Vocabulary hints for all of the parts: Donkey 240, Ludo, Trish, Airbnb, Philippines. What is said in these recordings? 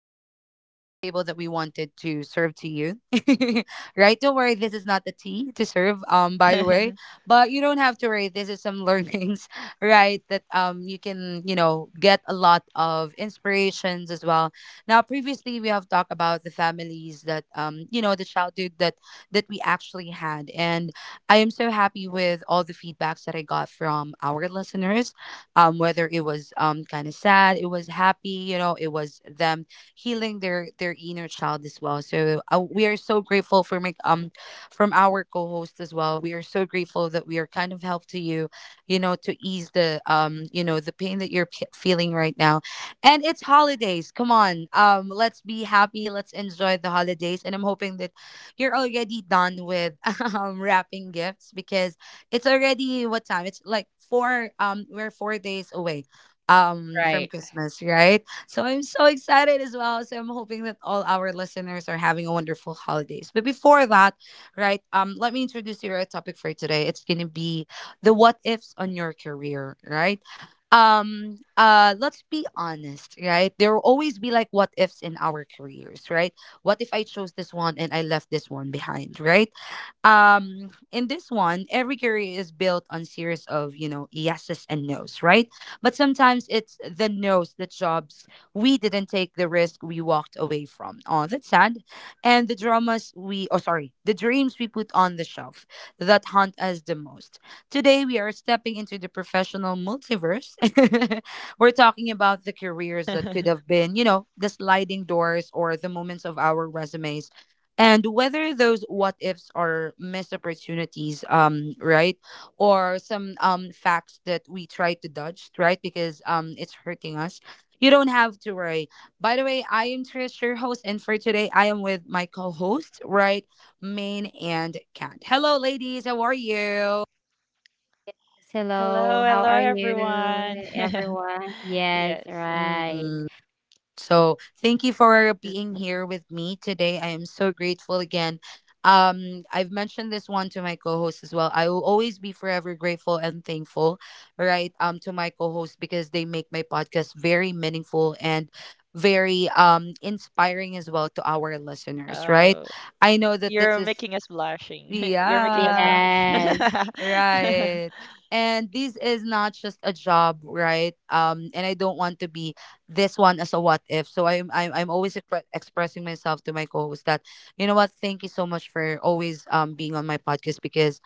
again to the table that we wanted to serve to you. Right? Don't worry, this is not the tea to serve, by the way. But you don't have to worry. This is some learnings, right? That you can, get a lot of inspirations as well. Now, previously we have talked about the families that the childhood that we actually had. And I am so happy with all the feedbacks that I got from our listeners, whether it was kind of sad, it was happy, it was them healing their inner child as well. So we are so grateful for from our co-host as well. We are so grateful that we are kind of help to you, to ease the the pain that you're feeling right now. And it's holidays. Come on, let's be happy. Let's enjoy the holidays. And I'm hoping that you're already done with wrapping gifts, because it's already what time? It's like four. We're 4 days away, from Right. Christmas, right? So I'm so excited as well. So I'm hoping that all our listeners are having a wonderful holidays. But before that, right? Let me introduce you our topic for today. It's gonna be the what ifs on your career, right? Let's be Oh. honest, right? There will always be like what ifs in our careers, right? What if I chose this one and I left this one behind, right? In this one, every career is built on series of, yeses and nos, right? But sometimes it's the nos, the jobs we didn't take, the risk we walked away from. Oh, that's sad. And the dramas we oh sorry the dreams we put on the shelf that haunt us the most. Today we are stepping into the professional multiverse. We're talking about the careers that could have been, the sliding doors or the moments of our resumes, and whether those what ifs are missed opportunities, right, or some facts that we try to dodge, right, because it's hurting us. You don't have to worry. By the way, I am Trish, your host, and for today I am with my co-host, right? Main and Cat, hello ladies, how are you? Hello, Hello, how hello are you, everyone. everyone? Yes, Yes. right. Mm-mm. So thank you for Is- being here with me today. I am so grateful again. I've mentioned this one to my co-host as well. I will always be forever grateful and thankful, right? To my co-host, because they make my podcast very meaningful and very inspiring as well to our listeners, right? Oh, I know that this is, you're making us blushing. You're yeah. making us Yes, blush. Right. And this is not just a job, right? And I don't want to be this one as a what if. So I'm always expressing myself to my co-host that, you know what, thank you so much for always being on my podcast, because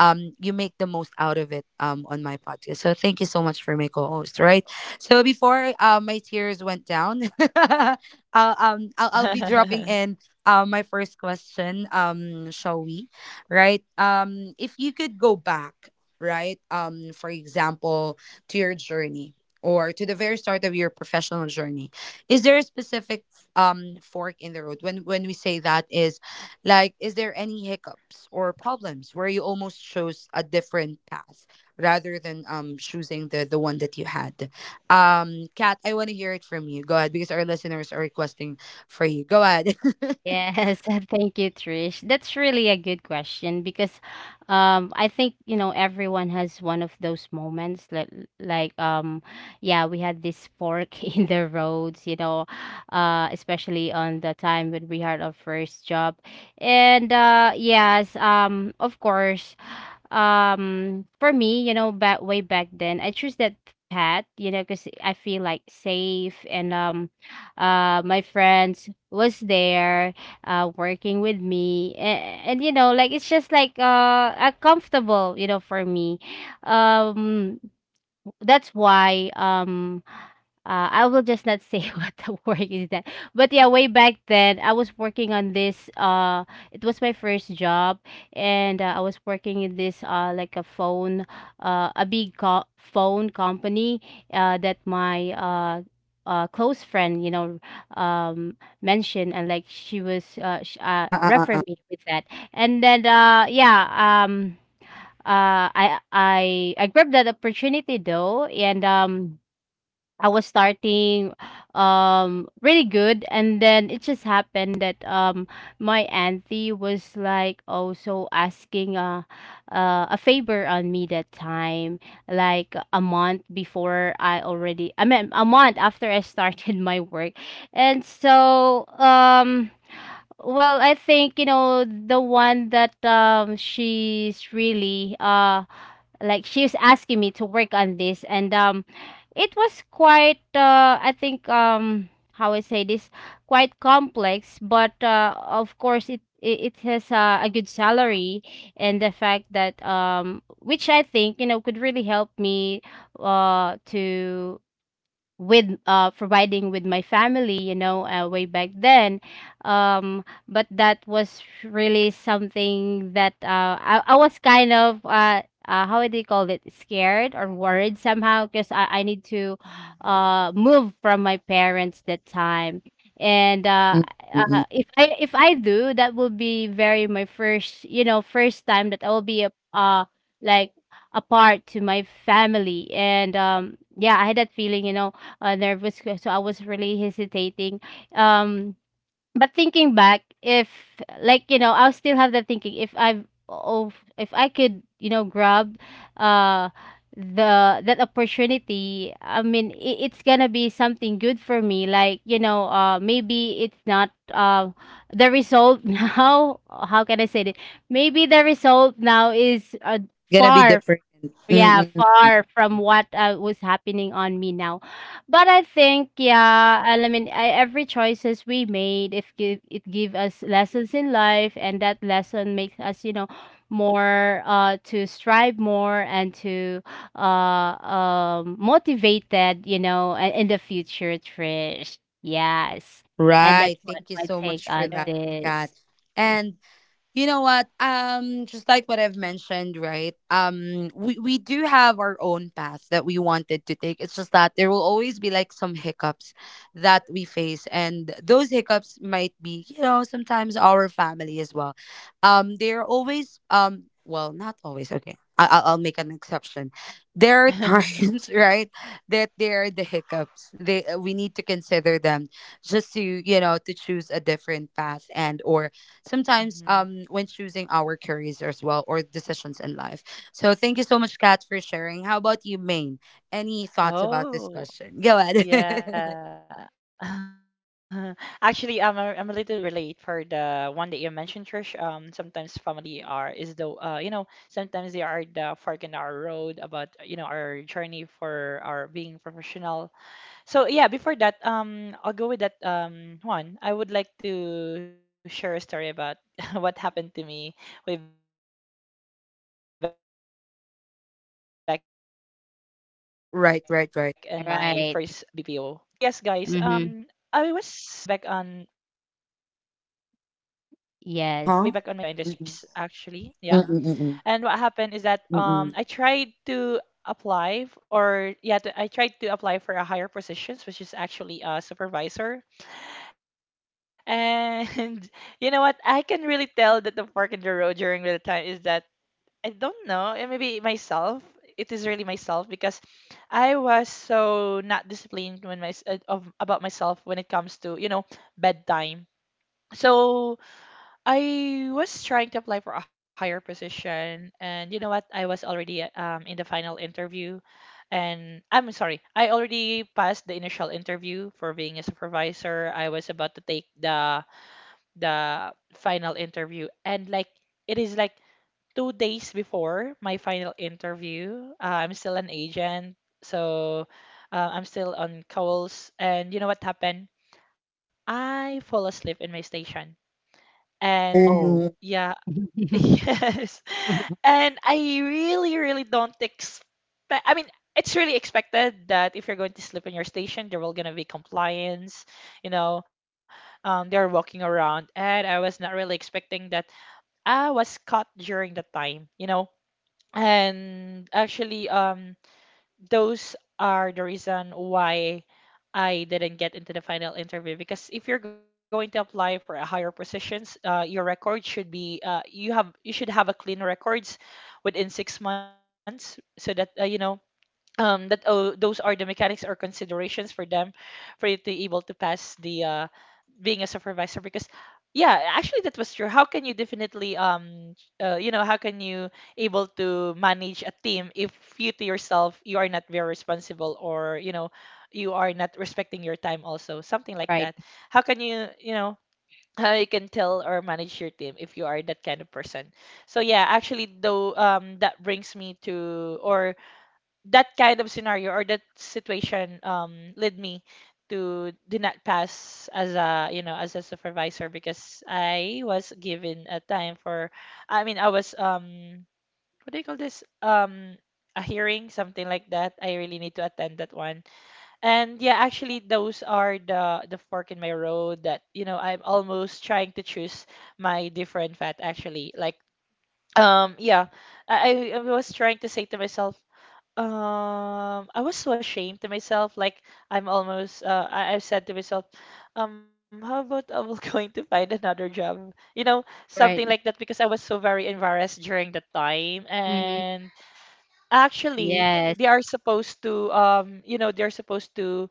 you make the most out of it on my podcast. So thank you so much for my co-host, right? So before, my tears went down, I'll I'll be dropping in my first question. Shall we? Right? If you could go back, right? For example, to your journey or to the very start of your professional journey, is there a specific fork in the road? When we say that, is like, is there any hiccups or problems where you almost chose a different path rather than choosing the one that you had? Kat, I want to hear it from you. Go ahead, because our listeners are requesting for you. Go ahead. uh, yes. Thank you, Trish. That's really a good question because I think, you know, everyone has one of those moments like like yeah, we had this fork in the roads, you know, especially on the time when we had our first job. And yes, of course for me, you know, back way back then I choose that path, you know, because I feel like safe, and my friends was there working with me, and you know, like it's just like comfortable, you know, for me. um that's why I will just not say what the work is that. But yeah, way back then, I was working on this. It was my first job, and I was working in this like a phone, a big phone company. That my close friend, you know, mentioned, and like she was uh, refer uh, me with that, and then I I grabbed that opportunity though, and I was starting really good. And then it just happened that my auntie was like also asking a favor on me that time, like a month before. I already, I mean, a month after I started my work. And so well, I think, you know, the one that she's really like, she was asking me to work on this. And it was quite I think how I say this, quite complex, but of course, it has a good salary. And the fact that which I think, you know, could really help me to with providing with my family, you know, way back then. But that was really something that I was kind of how do you call it, scared or worried somehow, because I need to move from Mhm. my parents that time. And uh, uh. uh if i if i do that will be very my first, you know, first time that I will be a like apart to my family. And yeah, I had that feeling, you know, nervous, so I was really hesitating. Um, but thinking back, if like, you know, I'll still have that thinking. If I could, you know, grab, uh, the that opportunity. I mean, I it's gonna be something good for me. Like, you know, maybe it's not the result now. How can I say it? Maybe the result now is Gonna be far different. yeah, Mm-mm. far from what was happening on me now. But I think, yeah, I mean, every choices we made, if give, it give us lessons in life, and that lesson makes us, you know, more to strive more, and to motivated, you know, in the future, Trish. Yes. And Right. that's what Thank you my so take much for on that, Kat. this. Yeah. And you know what? Just like what I've mentioned, right? We do have our own path that we wanted to take. It's just that there will always be like some hiccups that we face, and those hiccups might be, sometimes our family as well. They're always well, not always. Okay, I'll make an exception. There are times, right, that there are the hiccups. They We need to consider them just to, to choose a different path, and or sometimes when choosing our Mhm. careers as well, or decisions in life. So thank you so much, Kat, for sharing. How about you, Maine? Any thoughts about this question? Go ahead. Oh, yeah. Actually, I'm a little bit relate for the one that you mentioned, Trish. Sometimes family are is the you know, fork in our road about, you know, our journey for our being professional. So yeah, before that, I'll go with that one. I would like to share a story about what happened to me way back in my first BPO company or industry. So yes, guys. Right, right, right. I All was right. Mhm, I, way back Mm-hmm. on way back on my first BPO industry. Like I think it's almost like Uh two Yes. huh. years Mm-mm. actually. Yeah. Mm-mm, And mm-mm, what happened is that mm-mm. I tried to apply f- or yeah to, I tried to apply for a higher positions, which is actually a supervisor. And you know what? I can really tell that the fork in the road during the time is that I don't know. Maybe myself. It is really myself because was so not disciplined when my of about myself when it comes to, you know, bedtime. So I was trying to apply for a higher position, and you know what? I was already in final interview, and I'm sorry, I already passed the initial interview for being a supervisor. I was about to take the final interview, and like it is like 2 days before my final interview. I'm still an agent, so I'm still on calls. And you know what happened? I fall asleep in my station. Oh And Oh. no. yeah, yes. And I really, really don't expect, I mean, it's really expected that if you're going to sleep in your station, there will gonna be compliance, you know, they're walking around. And I was not really expecting that I was during the time, you know. And actually, those are the reason why I didn't get into the final interview because if you're going to apply for a higher positions, your record should be you have you should have a clean records within 6 months so that you know that oh, those are the mechanics or considerations for them for you to able to pass the being a supervisor because yeah actually that was true. How can you definitely you know, how can you able to manage a team if you to yourself you are not very responsible, you know, you are not respecting your time also, something like that. Right. How can you, you know, how you can tell or manage your team if you are that kind of person? So yeah, actually though, that brings me to or that kind of scenario or that situation led me to did not pass as a you know as a supervisor because I was given a time for I mean I was what do you call this, a hearing, something like that. I really need to attend that one. And yeah, actually those are the fork in my road that you know I'm almost trying to choose my different path actually. Like yeah, I was trying to say to myself, I was so ashamed to myself. Like I'm almost. I said to myself, how about I will going to find another job? You know, something like Right. that because I was so very embarrassed during that time, Mhm. and actually, Yes. they are supposed to you know they're supposed to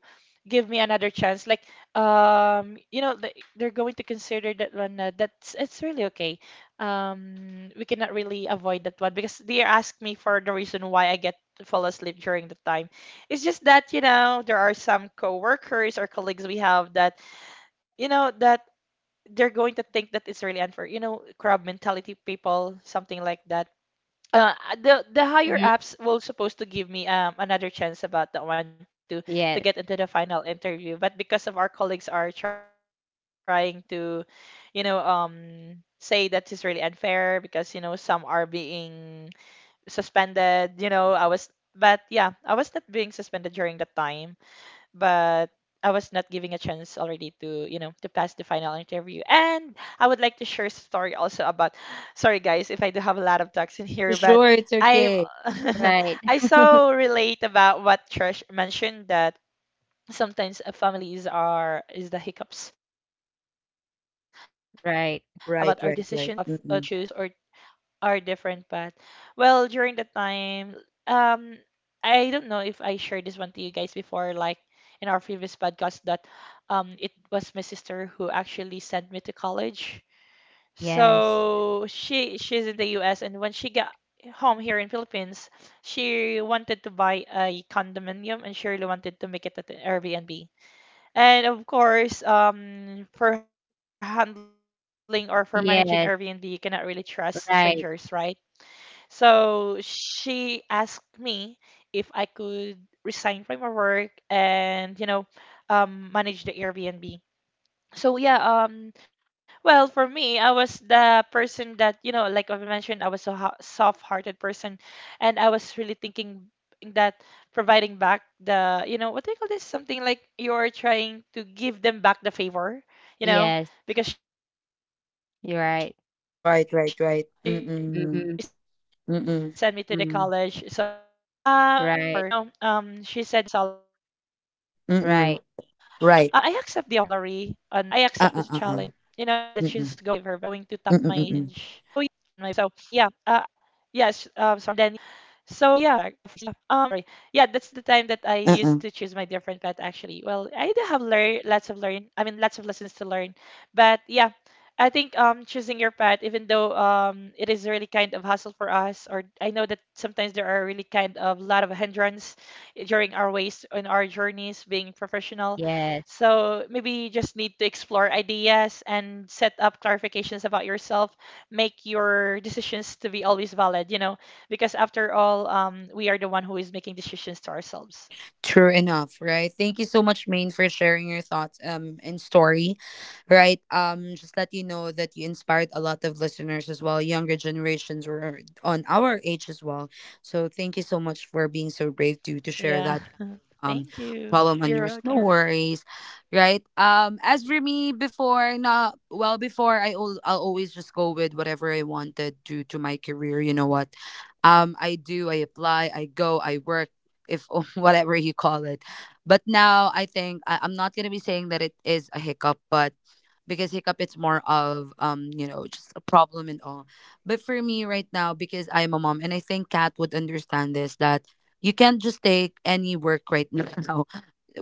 give me another chance. Like you know they're going to consider that one. That's it's really okay. We cannot really avoid that one because they asked me for the reason why I get to fall asleep during the time. It's just that you know there are some coworkers or colleagues we have that you know that they're going to think that it's really unfair. You know, crab mentality people, something like that. uh, the higher Mhm. ups were supposed to give me another chance about that one to get into Yes. the final interview, but because of our colleagues are trying to, you know, say that is really unfair because you know some are being suspended. You know, I was, but yeah, I was not being suspended during that time but I was not giving a chance already to, you know, to pass the final interview. And I would like to share a story also about, sorry guys, if I do have of talks in here, but Sure, it's I okay. Right. I so relate about what Trish mentioned that sometimes families are is the hiccups about our decisions and to off to Right. you know to Right, choose right, or right. Mm-mm. are different path. Well, during the time, um, I don't know if I shared this one to you guys before, like in our previous podcast, that it was my sister who actually sent me to college. Yes. So she's in the U.S., and when she got home here in Philippines, she wanted to buy a condominium and she really wanted to make it at an Airbnb. And of course, for handling or for managing Airbnb, you cannot really Yes. trust strangers, right? Right. So she asked me if I could resign from my work and, you know, manage the Airbnb. So yeah, well, for me, I was the person that, you know, like I mentioned, I was a soft-hearted person, and I was really thinking that providing back the, you know, what do you call this? Something like you're trying to give them back the favor, Yes. you know, because she sent me to the You're right. college, so I am Right, just right, trying to right. give her back the Mm-mm. Mhm. favor. So Mm-mm. Mm. I accept the offer. You know, Right. she said that she's going to top my salary on Mm-mm. Right. my BPO Right. industry, and then yeah, I Uh accepted uh the uh uh. challenge. Mm-mm. So yeah, Mm-mm. um, yeah, um, Yes, sorry. Yeah, that's the time that I used to choose my different Mm-mm. path actually. Well, I do have learn lots of learn. I mean, lots of lessons to learn. But yeah, I think choosing your path, even though it is really kind of hassle for us, or I know that sometimes there are really kind of lot of hindrance during our ways on our journeys being Yes. professional. So maybe you just need to explore ideas and set up clarifications about yourself, make your decisions to be always valid, you know, because after all, we are the one who is making decisions to True enough, ourselves. right? Thank you so much, Maine, for sharing your thoughts and story, right? Just let you know that you inspired a lot of listeners as well, younger generations or on our age as well. So thank you so much for being so brave to share that kind of Yeah. problem on yours. No Thank you. worries, You're right? welcome. As for me, before not well, before I'll always just go with whatever I wanted to my career. You know what? I do, I apply, I go, I work, if whatever you call it. But now I think I'm not gonna be saying that it is a hiccup, but because hiccup, it's more of just a problem and all. But for me right now, because I am a mom, and I think Kat would understand this, that you can't just take any work right now,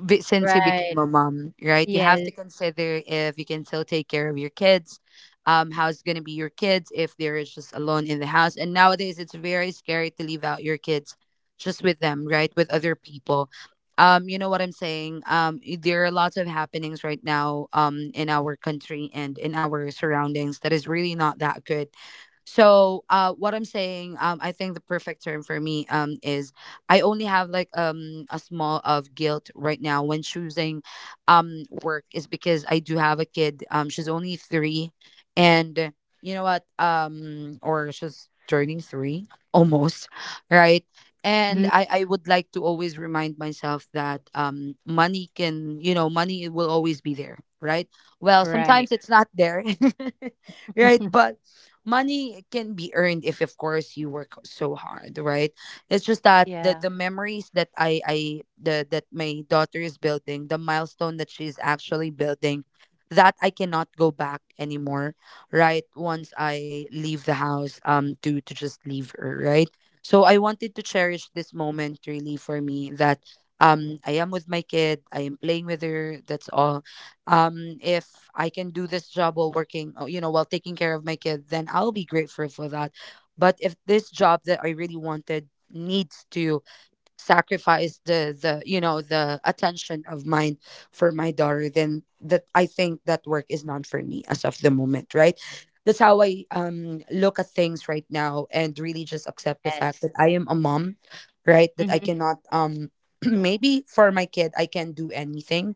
since you became Right. a mom, right? You have to Yes. consider if you can still take care of your kids, how's going to be your kids if they're just alone in the house. And nowadays, it's very scary to leave out your kids just with them, right? With other people. You know what I'm saying? There are lots of happenings right now, in our country and in our surroundings, that is really not that good. So what I'm saying, I think the perfect term for me is, I only have like a small of guilt right now when choosing work, is because I do have a kid. She's only 3, and you know what? Or she's turning 3 almost, right? And Mhm. I would like to always remind myself that money can you know, money will always be there, right? Well, sometimes Right. it's not there. Right? But money can be earned, if, of course, you work so hard, right. It's just that the memories that Yeah. I the that my daughter is building, the milestone that she's actually building, that I cannot go back anymore, right. Once I leave the house, to just leave her, right. So I wanted to cherish this moment really, for me, that I am with my kid, I am playing with her, that's all. If I can do this job while working, while taking care of my kid, then I'll be grateful for that. But if this job that I really wanted needs to sacrifice the you know the attention of mine for my daughter, then that I think that work is not for me as of the moment, right. That's how I look at things right now, and really just accept the fact Yes. that I am a mom, right, that I Mhm. cannot maybe for my kid I can do anything,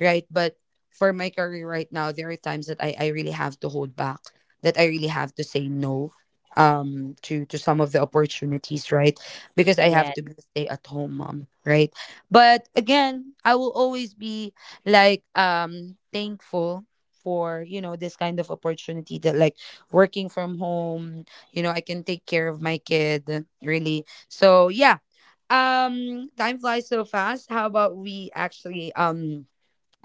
right. But for my career right now, there are times that I really have to hold back, that I really have to say no, to some of the opportunities, right, because I have Yes. to be a stay at home mom, right? But again, I will always be thankful for, this kind of opportunity, that, like, working from home, I can take care of my kid really. So yeah, time flies so fast. How about we actually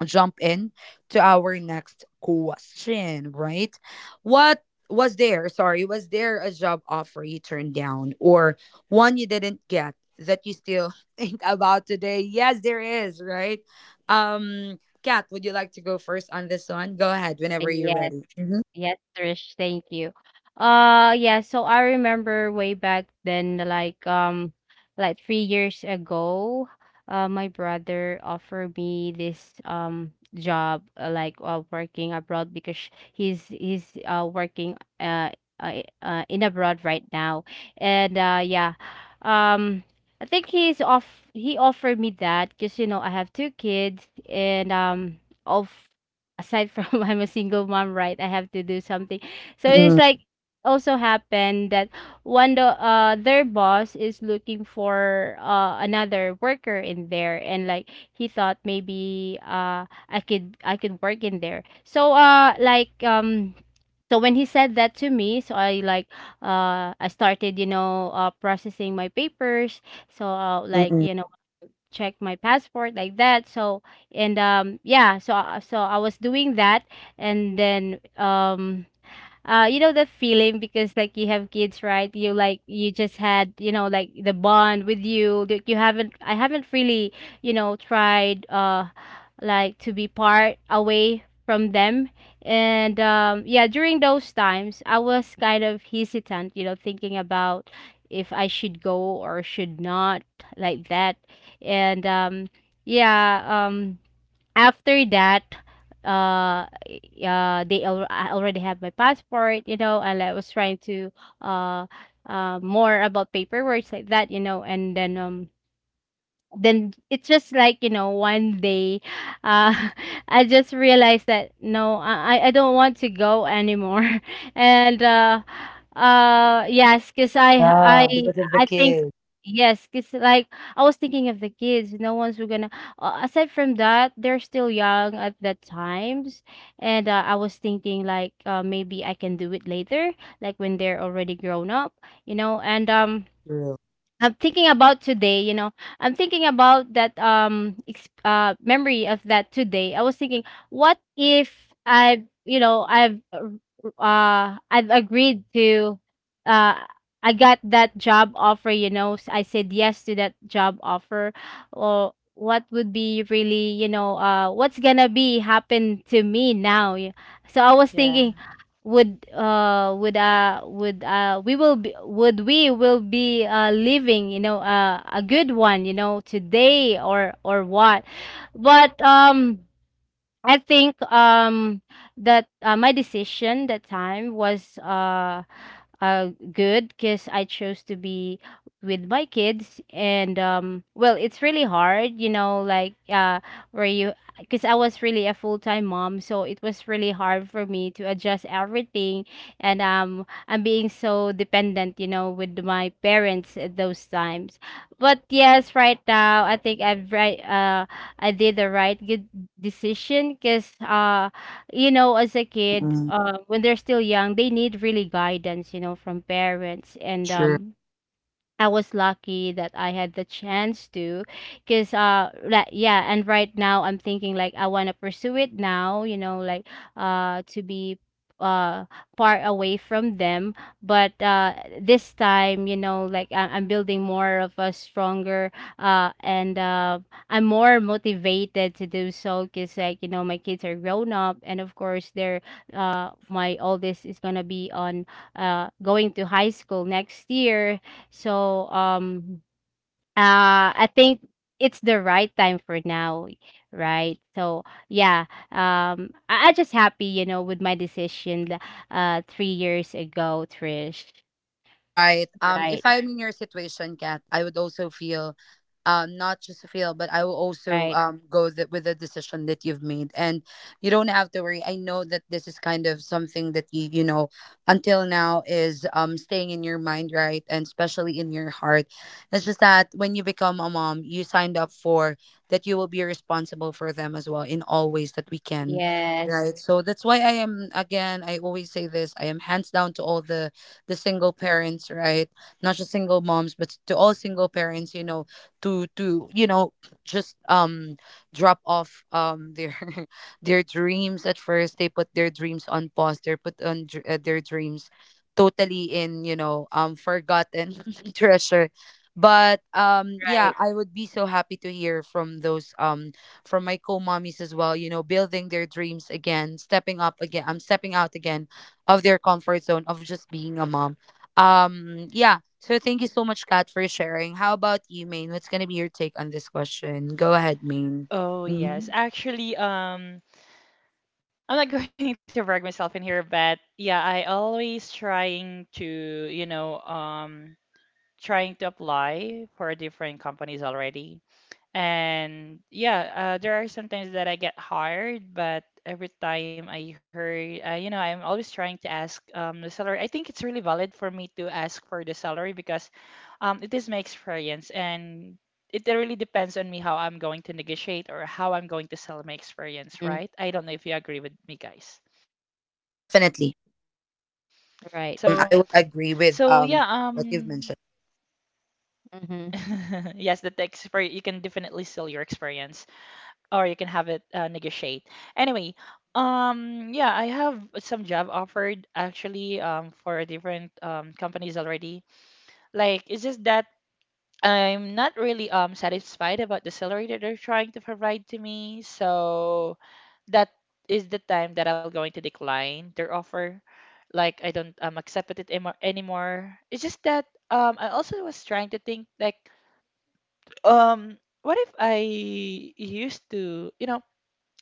jump in to our next question, right? What was there, sorry, was there a job offer you turned down, or one you didn't get, that you still think about today? Yes, there is, right? Kat, would you like to go first on this one? Go ahead whenever you're Yes. ready. Mm-hmm. Yes, Trish, thank you. Yeah, so I remember way back then like like 3 years ago. My brother offered me this job, like working abroad, because he's working in abroad right now. And yeah, um I think he offered me that because, you know, I have two kids. And of aside from I'm a single mom, right? I have to do something. So it's Mm-mm. like also happened that one, the their boss is looking for another worker in there, and like he thought maybe I could work in there. So like so when he said that to me, so I like I started, you know, processing my papers. So like, Mm-mm. you know, check my passport like that. So and yeah, so so I was doing that, and then you know the feeling because, like, you have kids, right? You like, you just had, you know, like, the bond with you that you haven't, I haven't really, you know, tried like to be part away from them. And yeah, during those times I was kind of hesitant, you know, thinking about if I should go or should not, like that. And yeah, after that, uh they, I already have my passport, you know, and I was trying to uh more about paperwork like that, you know. And then it's just like, you know, one day uh I just realized that no, I don't want to go anymore and yes, because i i Yeah, because of the i think kids. yes, because, like, I was thinking of the kids. No one's were gonna aside from that they're still young at that times. And I was thinking like maybe I can do it later, like when they're already grown up, you know. And True. I'm thinking about today, you know, I'm thinking about that memory of that today. I was thinking, what if I, you know, I've agreed to uh I got that job offer, you know, I said yes to that job offer. Or what would be really, you know, what's gonna be happen to me now? So I was Yeah. thinking would we will be, would we will be living, you know, a good one, you know, today, or what. But I think that my decision that time was good because I chose to be with my kids. And well, it's really hard, you know, like where you, because I was really a full-time mom, so it was really hard for me to adjust everything. And I'm being so dependent, you know, with my parents at those times. But yes, right now, I think I did the right good decision, because you know, as a kid, Mm-mm. When they're still young, they need really guidance, you know, from parents. And I was lucky that I had the chance to. Cause like yeah, and right now I'm thinking like I wanna pursue it now, you know, like to be uh far away from them. But this time, you know, like I'm building more of a stronger and I'm more motivated to do so, cause, like, you know, my kids are grown up. And of course, they're my oldest is gonna be on going to high school next year. So I think it's the right time for now, right? So yeah, I just happy, you know, with my decision 3 years ago, Trish. Right. If Right, I'm in your situation, Kat, I would also feel, not just feel, but I will right, also go with the decision that you've made, and you don't have to worry. I know that this is kind of something that you know until now is staying in your mind, right, and especially in your heart. It's just that when you become a mom, you signed up for that you will be responsible for them as well in all ways that we can, yes. right? So that's why I am again. I always say this. I am hands down to all the single parents, right? Not just single moms, but to all single parents, to you know, just drop off their their dreams at first. They put their dreams on pause. They put on their dreams totally in forgotten treasure, but Right, yeah, I would be so happy to hear from those from my co-mommies as well, building their dreams again, stepping up again, I'm stepping out again of their comfort zone of just being a mom. Yeah. So thank you so much, Kat, for sharing. How about you, Maine? What's gonna be your take on this question? Go ahead, Maine. Oh, yes. Mhm. Actually, I'm not going to brag myself in here, but yeah, I always trying to, you know, trying to apply for different companies already. And yeah, there are some times that I get hired, but every time I heard, you know, I'm always trying to ask the salary. I think it's really valid for me to ask for the salary because it is my experience and it really depends on me how I'm going to negotiate or how I'm going to sell my experience, mm, right? I don't know if you agree with me, guys. Definitely. So right. Mm-mm, I yeah, would agree so with yeah, what you've um, mentioned. Mm-hmm, yes, the expert you can definitely sell your experience. Or you can have it negotiate. Anyway, yeah, I have some job actually for different companies already. Like, it's just that I'm not really satisfied about the salary that they're trying to provide to me. So that is the time that I'm going to decline their offer. Like, I don't accept it anymore. It's just that I also was trying to think like, um, what if I used to, you know,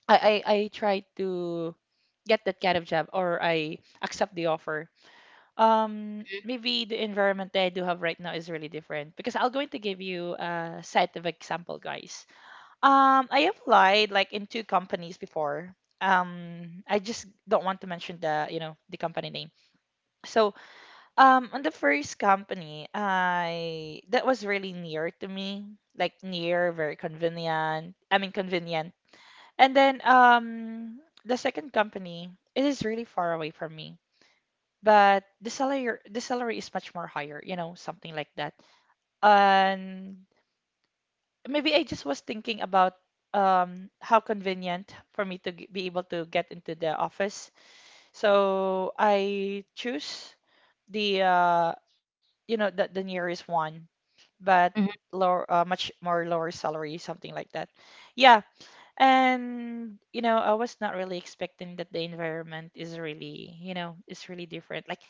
I try to get that kind of job or I accept the offer. Maybe the environment that I do have right now is really different because I'll going to give you a set of example, guys. I applied like in two companies before. I just don't want to mention the, you know, the company name. So, on the first company, I that was really near to me, like near, very convenient. I mean, convenient, and then the second company, it is really far away from me, but the salary is much more higher, you know, something like that. And maybe I just was thinking about how convenient for me to be able to get into the office. So I choose the you know the nearest one, but hmm. lower much more lower salary, something like that. Yeah, and you know, I was not really expecting that the environment is really, you know, is really different. Like,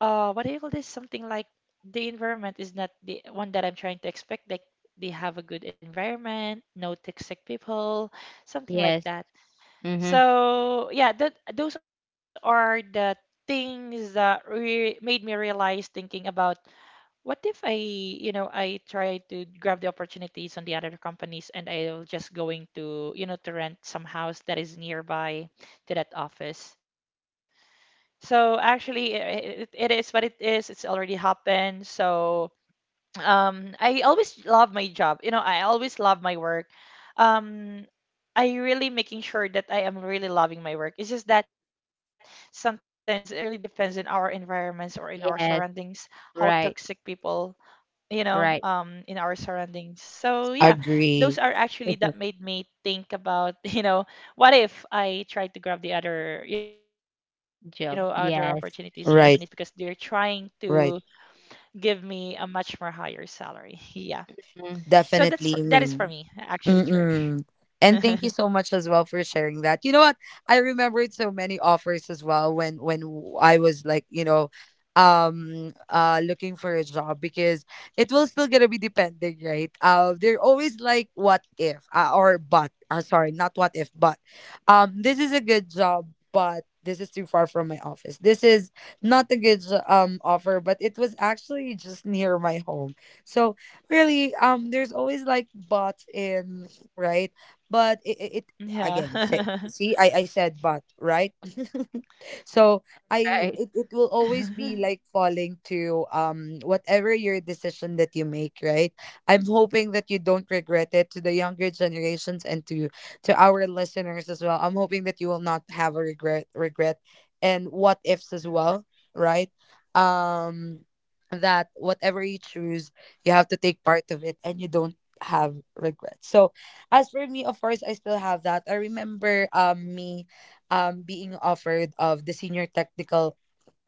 what do you call this? Something like the environment is not the one that I'm trying to expect. Like, they have a good environment, no toxic people, something like Yes, that. mm-hmm, So yeah, that those are the things that re made me realize thinking about what if I, you know, I try to grab the opportunities on the other companies and I'll just going to, you know, to rent some house that is nearby to that office. So actually, it is what it is. It's already happened. So I always love my job. You know, I always love my work. Um, I really making sure that I am really loving my work. It's just that sometimes it really depends on our environments or in our yes, surroundings, how right, toxic people you know, right. In our surroundings. So yeah, those Agree. are actually that made me think about, you know, what if I tried to grab the other, you know, other opportunities in Job, the another yes. companies because they're Right. trying to Right. give me a much more higher salary. Yeah. Mm, So that is Definitely, for me, Maine. actually, Trish. Mm-mm. And thank you so much as well for sharing that. You know what? I remembered so many offers as well when I was like, looking for a job because it will still gonna be depending, right? They're always like what if or but sorry, not what if, but this is a good job, but this is too far from my office. This is not a good jo- offer, but it was actually just near my home. So really there's always like bots in, right, but it again Yeah. say, see I said but, right. So I right. it, it will always be like falling to whatever your decision that you make, right? I'm hoping that you don't regret it. To the younger generations and to our listeners as well, I'm hoping that you will not have a regret and what ifs as well, right? um that whatever you choose, you have to take part of it and you don't have regrets. So as for me, of course I still have that. I remember me being offered of the senior technical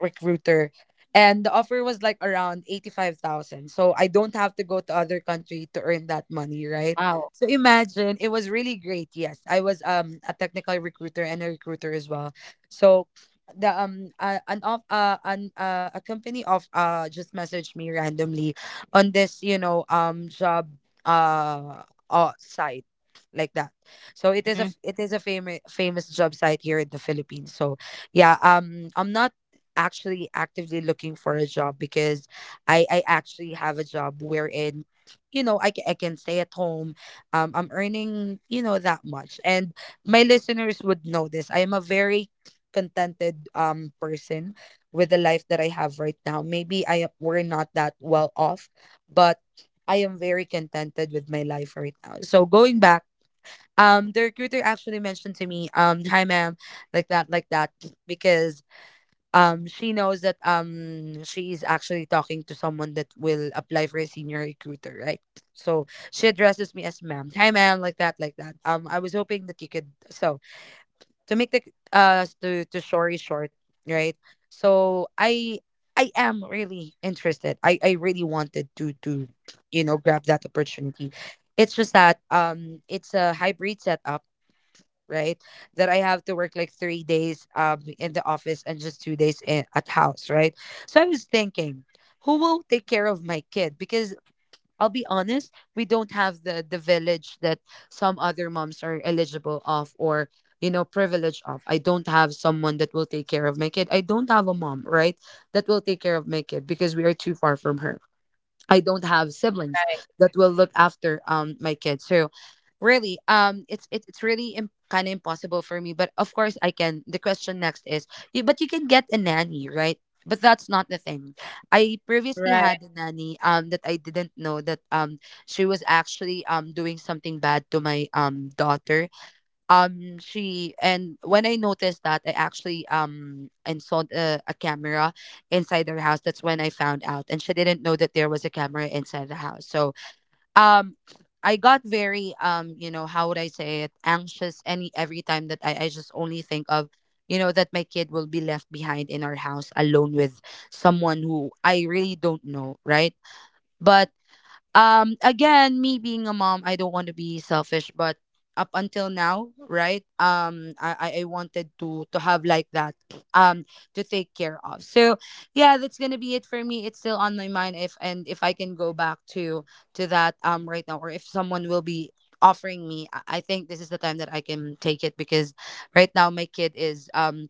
recruiter, and the offer was like around 85,000, so I don't have to go to other country to earn that money, right? Wow. So imagine, it was really great. Yes, I was a technical recruiter and a recruiter as well. So the an off an a company of just messaged me randomly on this job uh, site like that. So it is a Mm-hmm. It is a famous famous job site here in the Philippines. So yeah, I'm not actually actively looking for a job because I actually have a job wherein, you know, I can stay at home. I'm earning, you know, that much, and my listeners would know this. I am a very contented person with the life that I have right now. Maybe we're not that well off, but I am very contented with my life right now. So going back, the recruiter actually mentioned to me, hi ma'am, like that, because she knows that she is actually talking to someone that will apply for a senior recruiter, right? So she addresses me as ma'am. Hi ma'am, like that, like that. I was hoping that you could, so to make the to story short, right? So I am really interested. I really wanted to, you know, grab that opportunity. It's just that it's a hybrid setup, right? That I have to work like 3 days in the office and just 2 days in, at house, right? So I was thinking, who will take care of my kid? Because I'll be honest, we don't have the village that some other moms are eligible of or, you know, privileged of. I don't have someone that will take care of my kid. I don't have a mom, right? That will take care of my kid because we are too far from her. I don't have siblings Right. that will look after my kids. So really it's it's really kind of impossible for me. But of course, I can, the question next is, you, but you can get a nanny, right? But that's not the thing. I Right. previously had a nanny that I didn't know that she was actually doing something bad to my daughter. She and When I noticed that, I actually installed a camera inside their house. That's when I found out, and she didn't know that there was a camera inside the house. So um I got very you know, how would I say it, anxious, any every time that I just only think of, you know, that my kid will be left behind in our house alone with someone who I really don't know, right? But again, me being a mom, I don't want to be selfish, but up until now, right, I wanted to have like that um to take care of. So yeah, that's gonna be it for me. It's still on my mind if, and if I can go back to that right now, or if someone will be offering me, I think this is the time that I can take it because right now, my kid is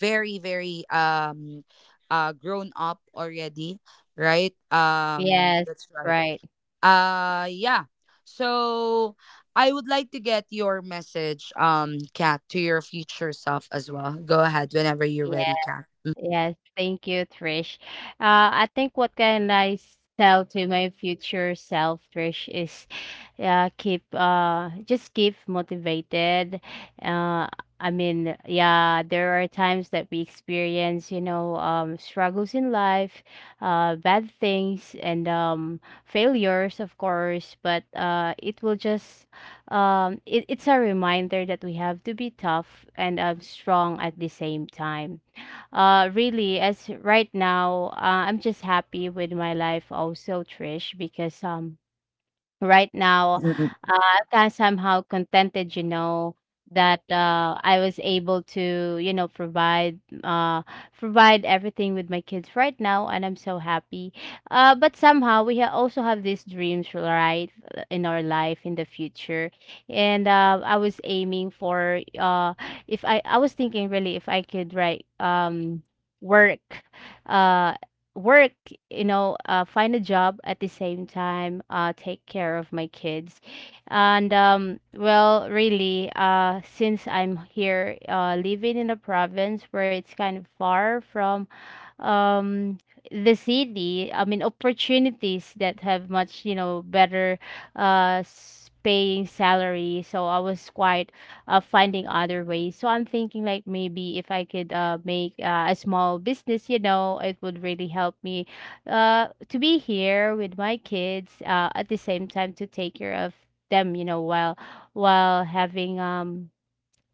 very very grown up already, right? Yes. That's right. Right. Yeah. So I would like to get your message, Kat, to your future self as well. Go ahead whenever you're ready, Yeah. Kat. Yes, thank you, Trish. I think what can tell to my future self, Trish, is keep just keep motivated. Uh, I mean, yeah, there are times that we experience, you know, struggles in life, bad things, and failures, of course. But it will just it, it's a reminder that we have to be tough and strong at the same time. Really, as right now, I'm just happy with my life also, Trish, because right now, Mm-mm-mm. I'm kind of somehow contented, you know, that I was able to, you know, provide everything with my kids right now, and I'm so happy. But somehow we ha also have these dreams, right, in our life in the future. And I was aiming for if I was thinking really if I could, right, work. Uh, Work, you know, find a job at the same time, take care of my kids. And well, really, since I'm here living in a province where it's kind of far from um the city, I mean, opportunities that have much, you know, better paying salary. So I was quite finding other ways. So I'm thinking like, maybe if I could make a small business, you know, it would really help me to be here with my kids at the same time to take care of them, you know, while having um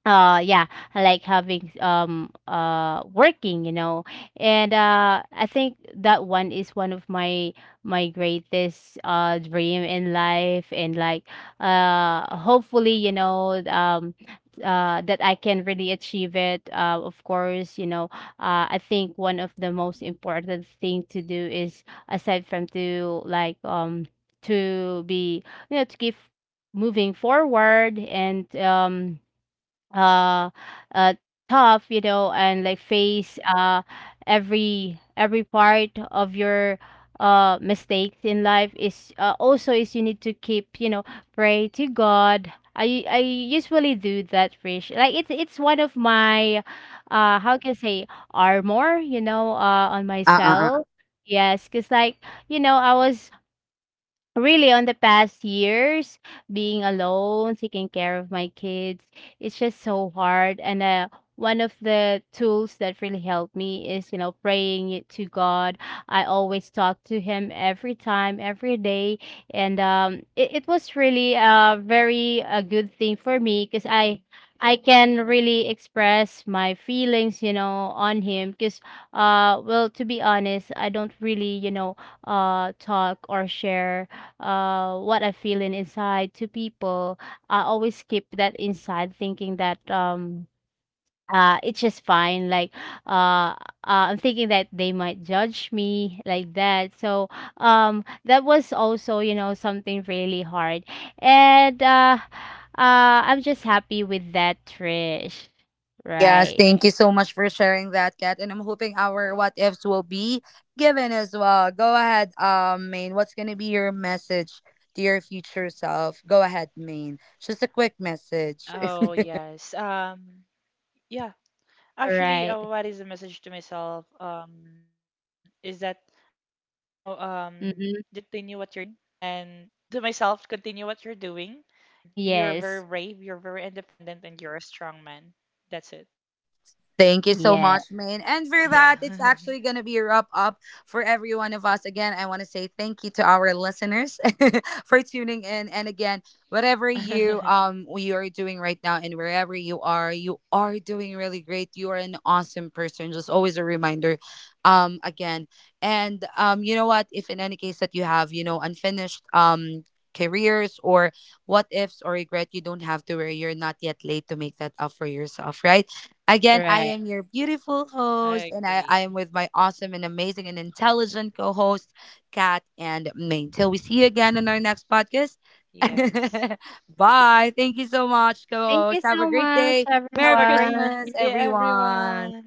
uh yeah, I like having working, you know. And I think that one is one of my greatest dream in life. And like hopefully, you know, that I can really achieve it. Of course, you know, I think one of the most important thing to do is aside from to like to be, you know, to keep moving forward, and uh uh tough, you know, and like face every part of your mistakes in life is also is you need to keep, you know, pray to God. I usually do that, Rish. Like, it's one of my how can I say, armor, you know, on Uh, uh, uh. uh. myself. Yes, because, like, you know, I was Yeah. really, on the past years, being alone, taking care of my kids, it's just so hard. And one of the tools that really helped me is, you know, praying it to God. I always talk to Him every time, every day. And it was really a very a good thing for me, because I can really express my feelings, you know, on Him. Because, well, to be honest, I don't really, you know, talk or share what I feel in inside to people. I always keep that inside, thinking that it's just fine, like uh, uh I'm thinking that they might judge me, like that. So that was also, you know, something really hard. And I'm just happy with that, Trish. Yes, Right. thank you so much for sharing that, Kat. And I'm hoping our what ifs will be given as well. Go ahead, Main. What's gonna be your message to your future self? Go ahead, Main. Just a quick message. Oh, yes. Yeah. Right. Actually, what is the message to myself? Is that, you know, just continue what you're Mm-hmm. doing, and to myself, continue what you're doing. You're very Yes. brave, you're very independent, and you're a strong man. That's it. Thank you so Yeah. much, Min. Yeah. And for that, it's actually going to be a wrap up for every one of us. Again, I want to say thank you to our listeners for tuning in. And again, whatever you you are doing right now and wherever you are doing really great. You are an awesome person. Just always a reminder. Again, and you know what? If in any case that you have, you know, unfinished careers or what ifs or regret, you don't have to worry. You're not yet late to make that up for yourself, right? Again, I Right. am your beautiful host, and I I am agree. with my awesome and amazing and intelligent co host, Kat and Main. Till we see you again in our next podcast. Yes. Bye. Thank you so much, Thank co you host. Have a so great much, day. Merry Have a great everyone. Christmas, day, everyone. everyone.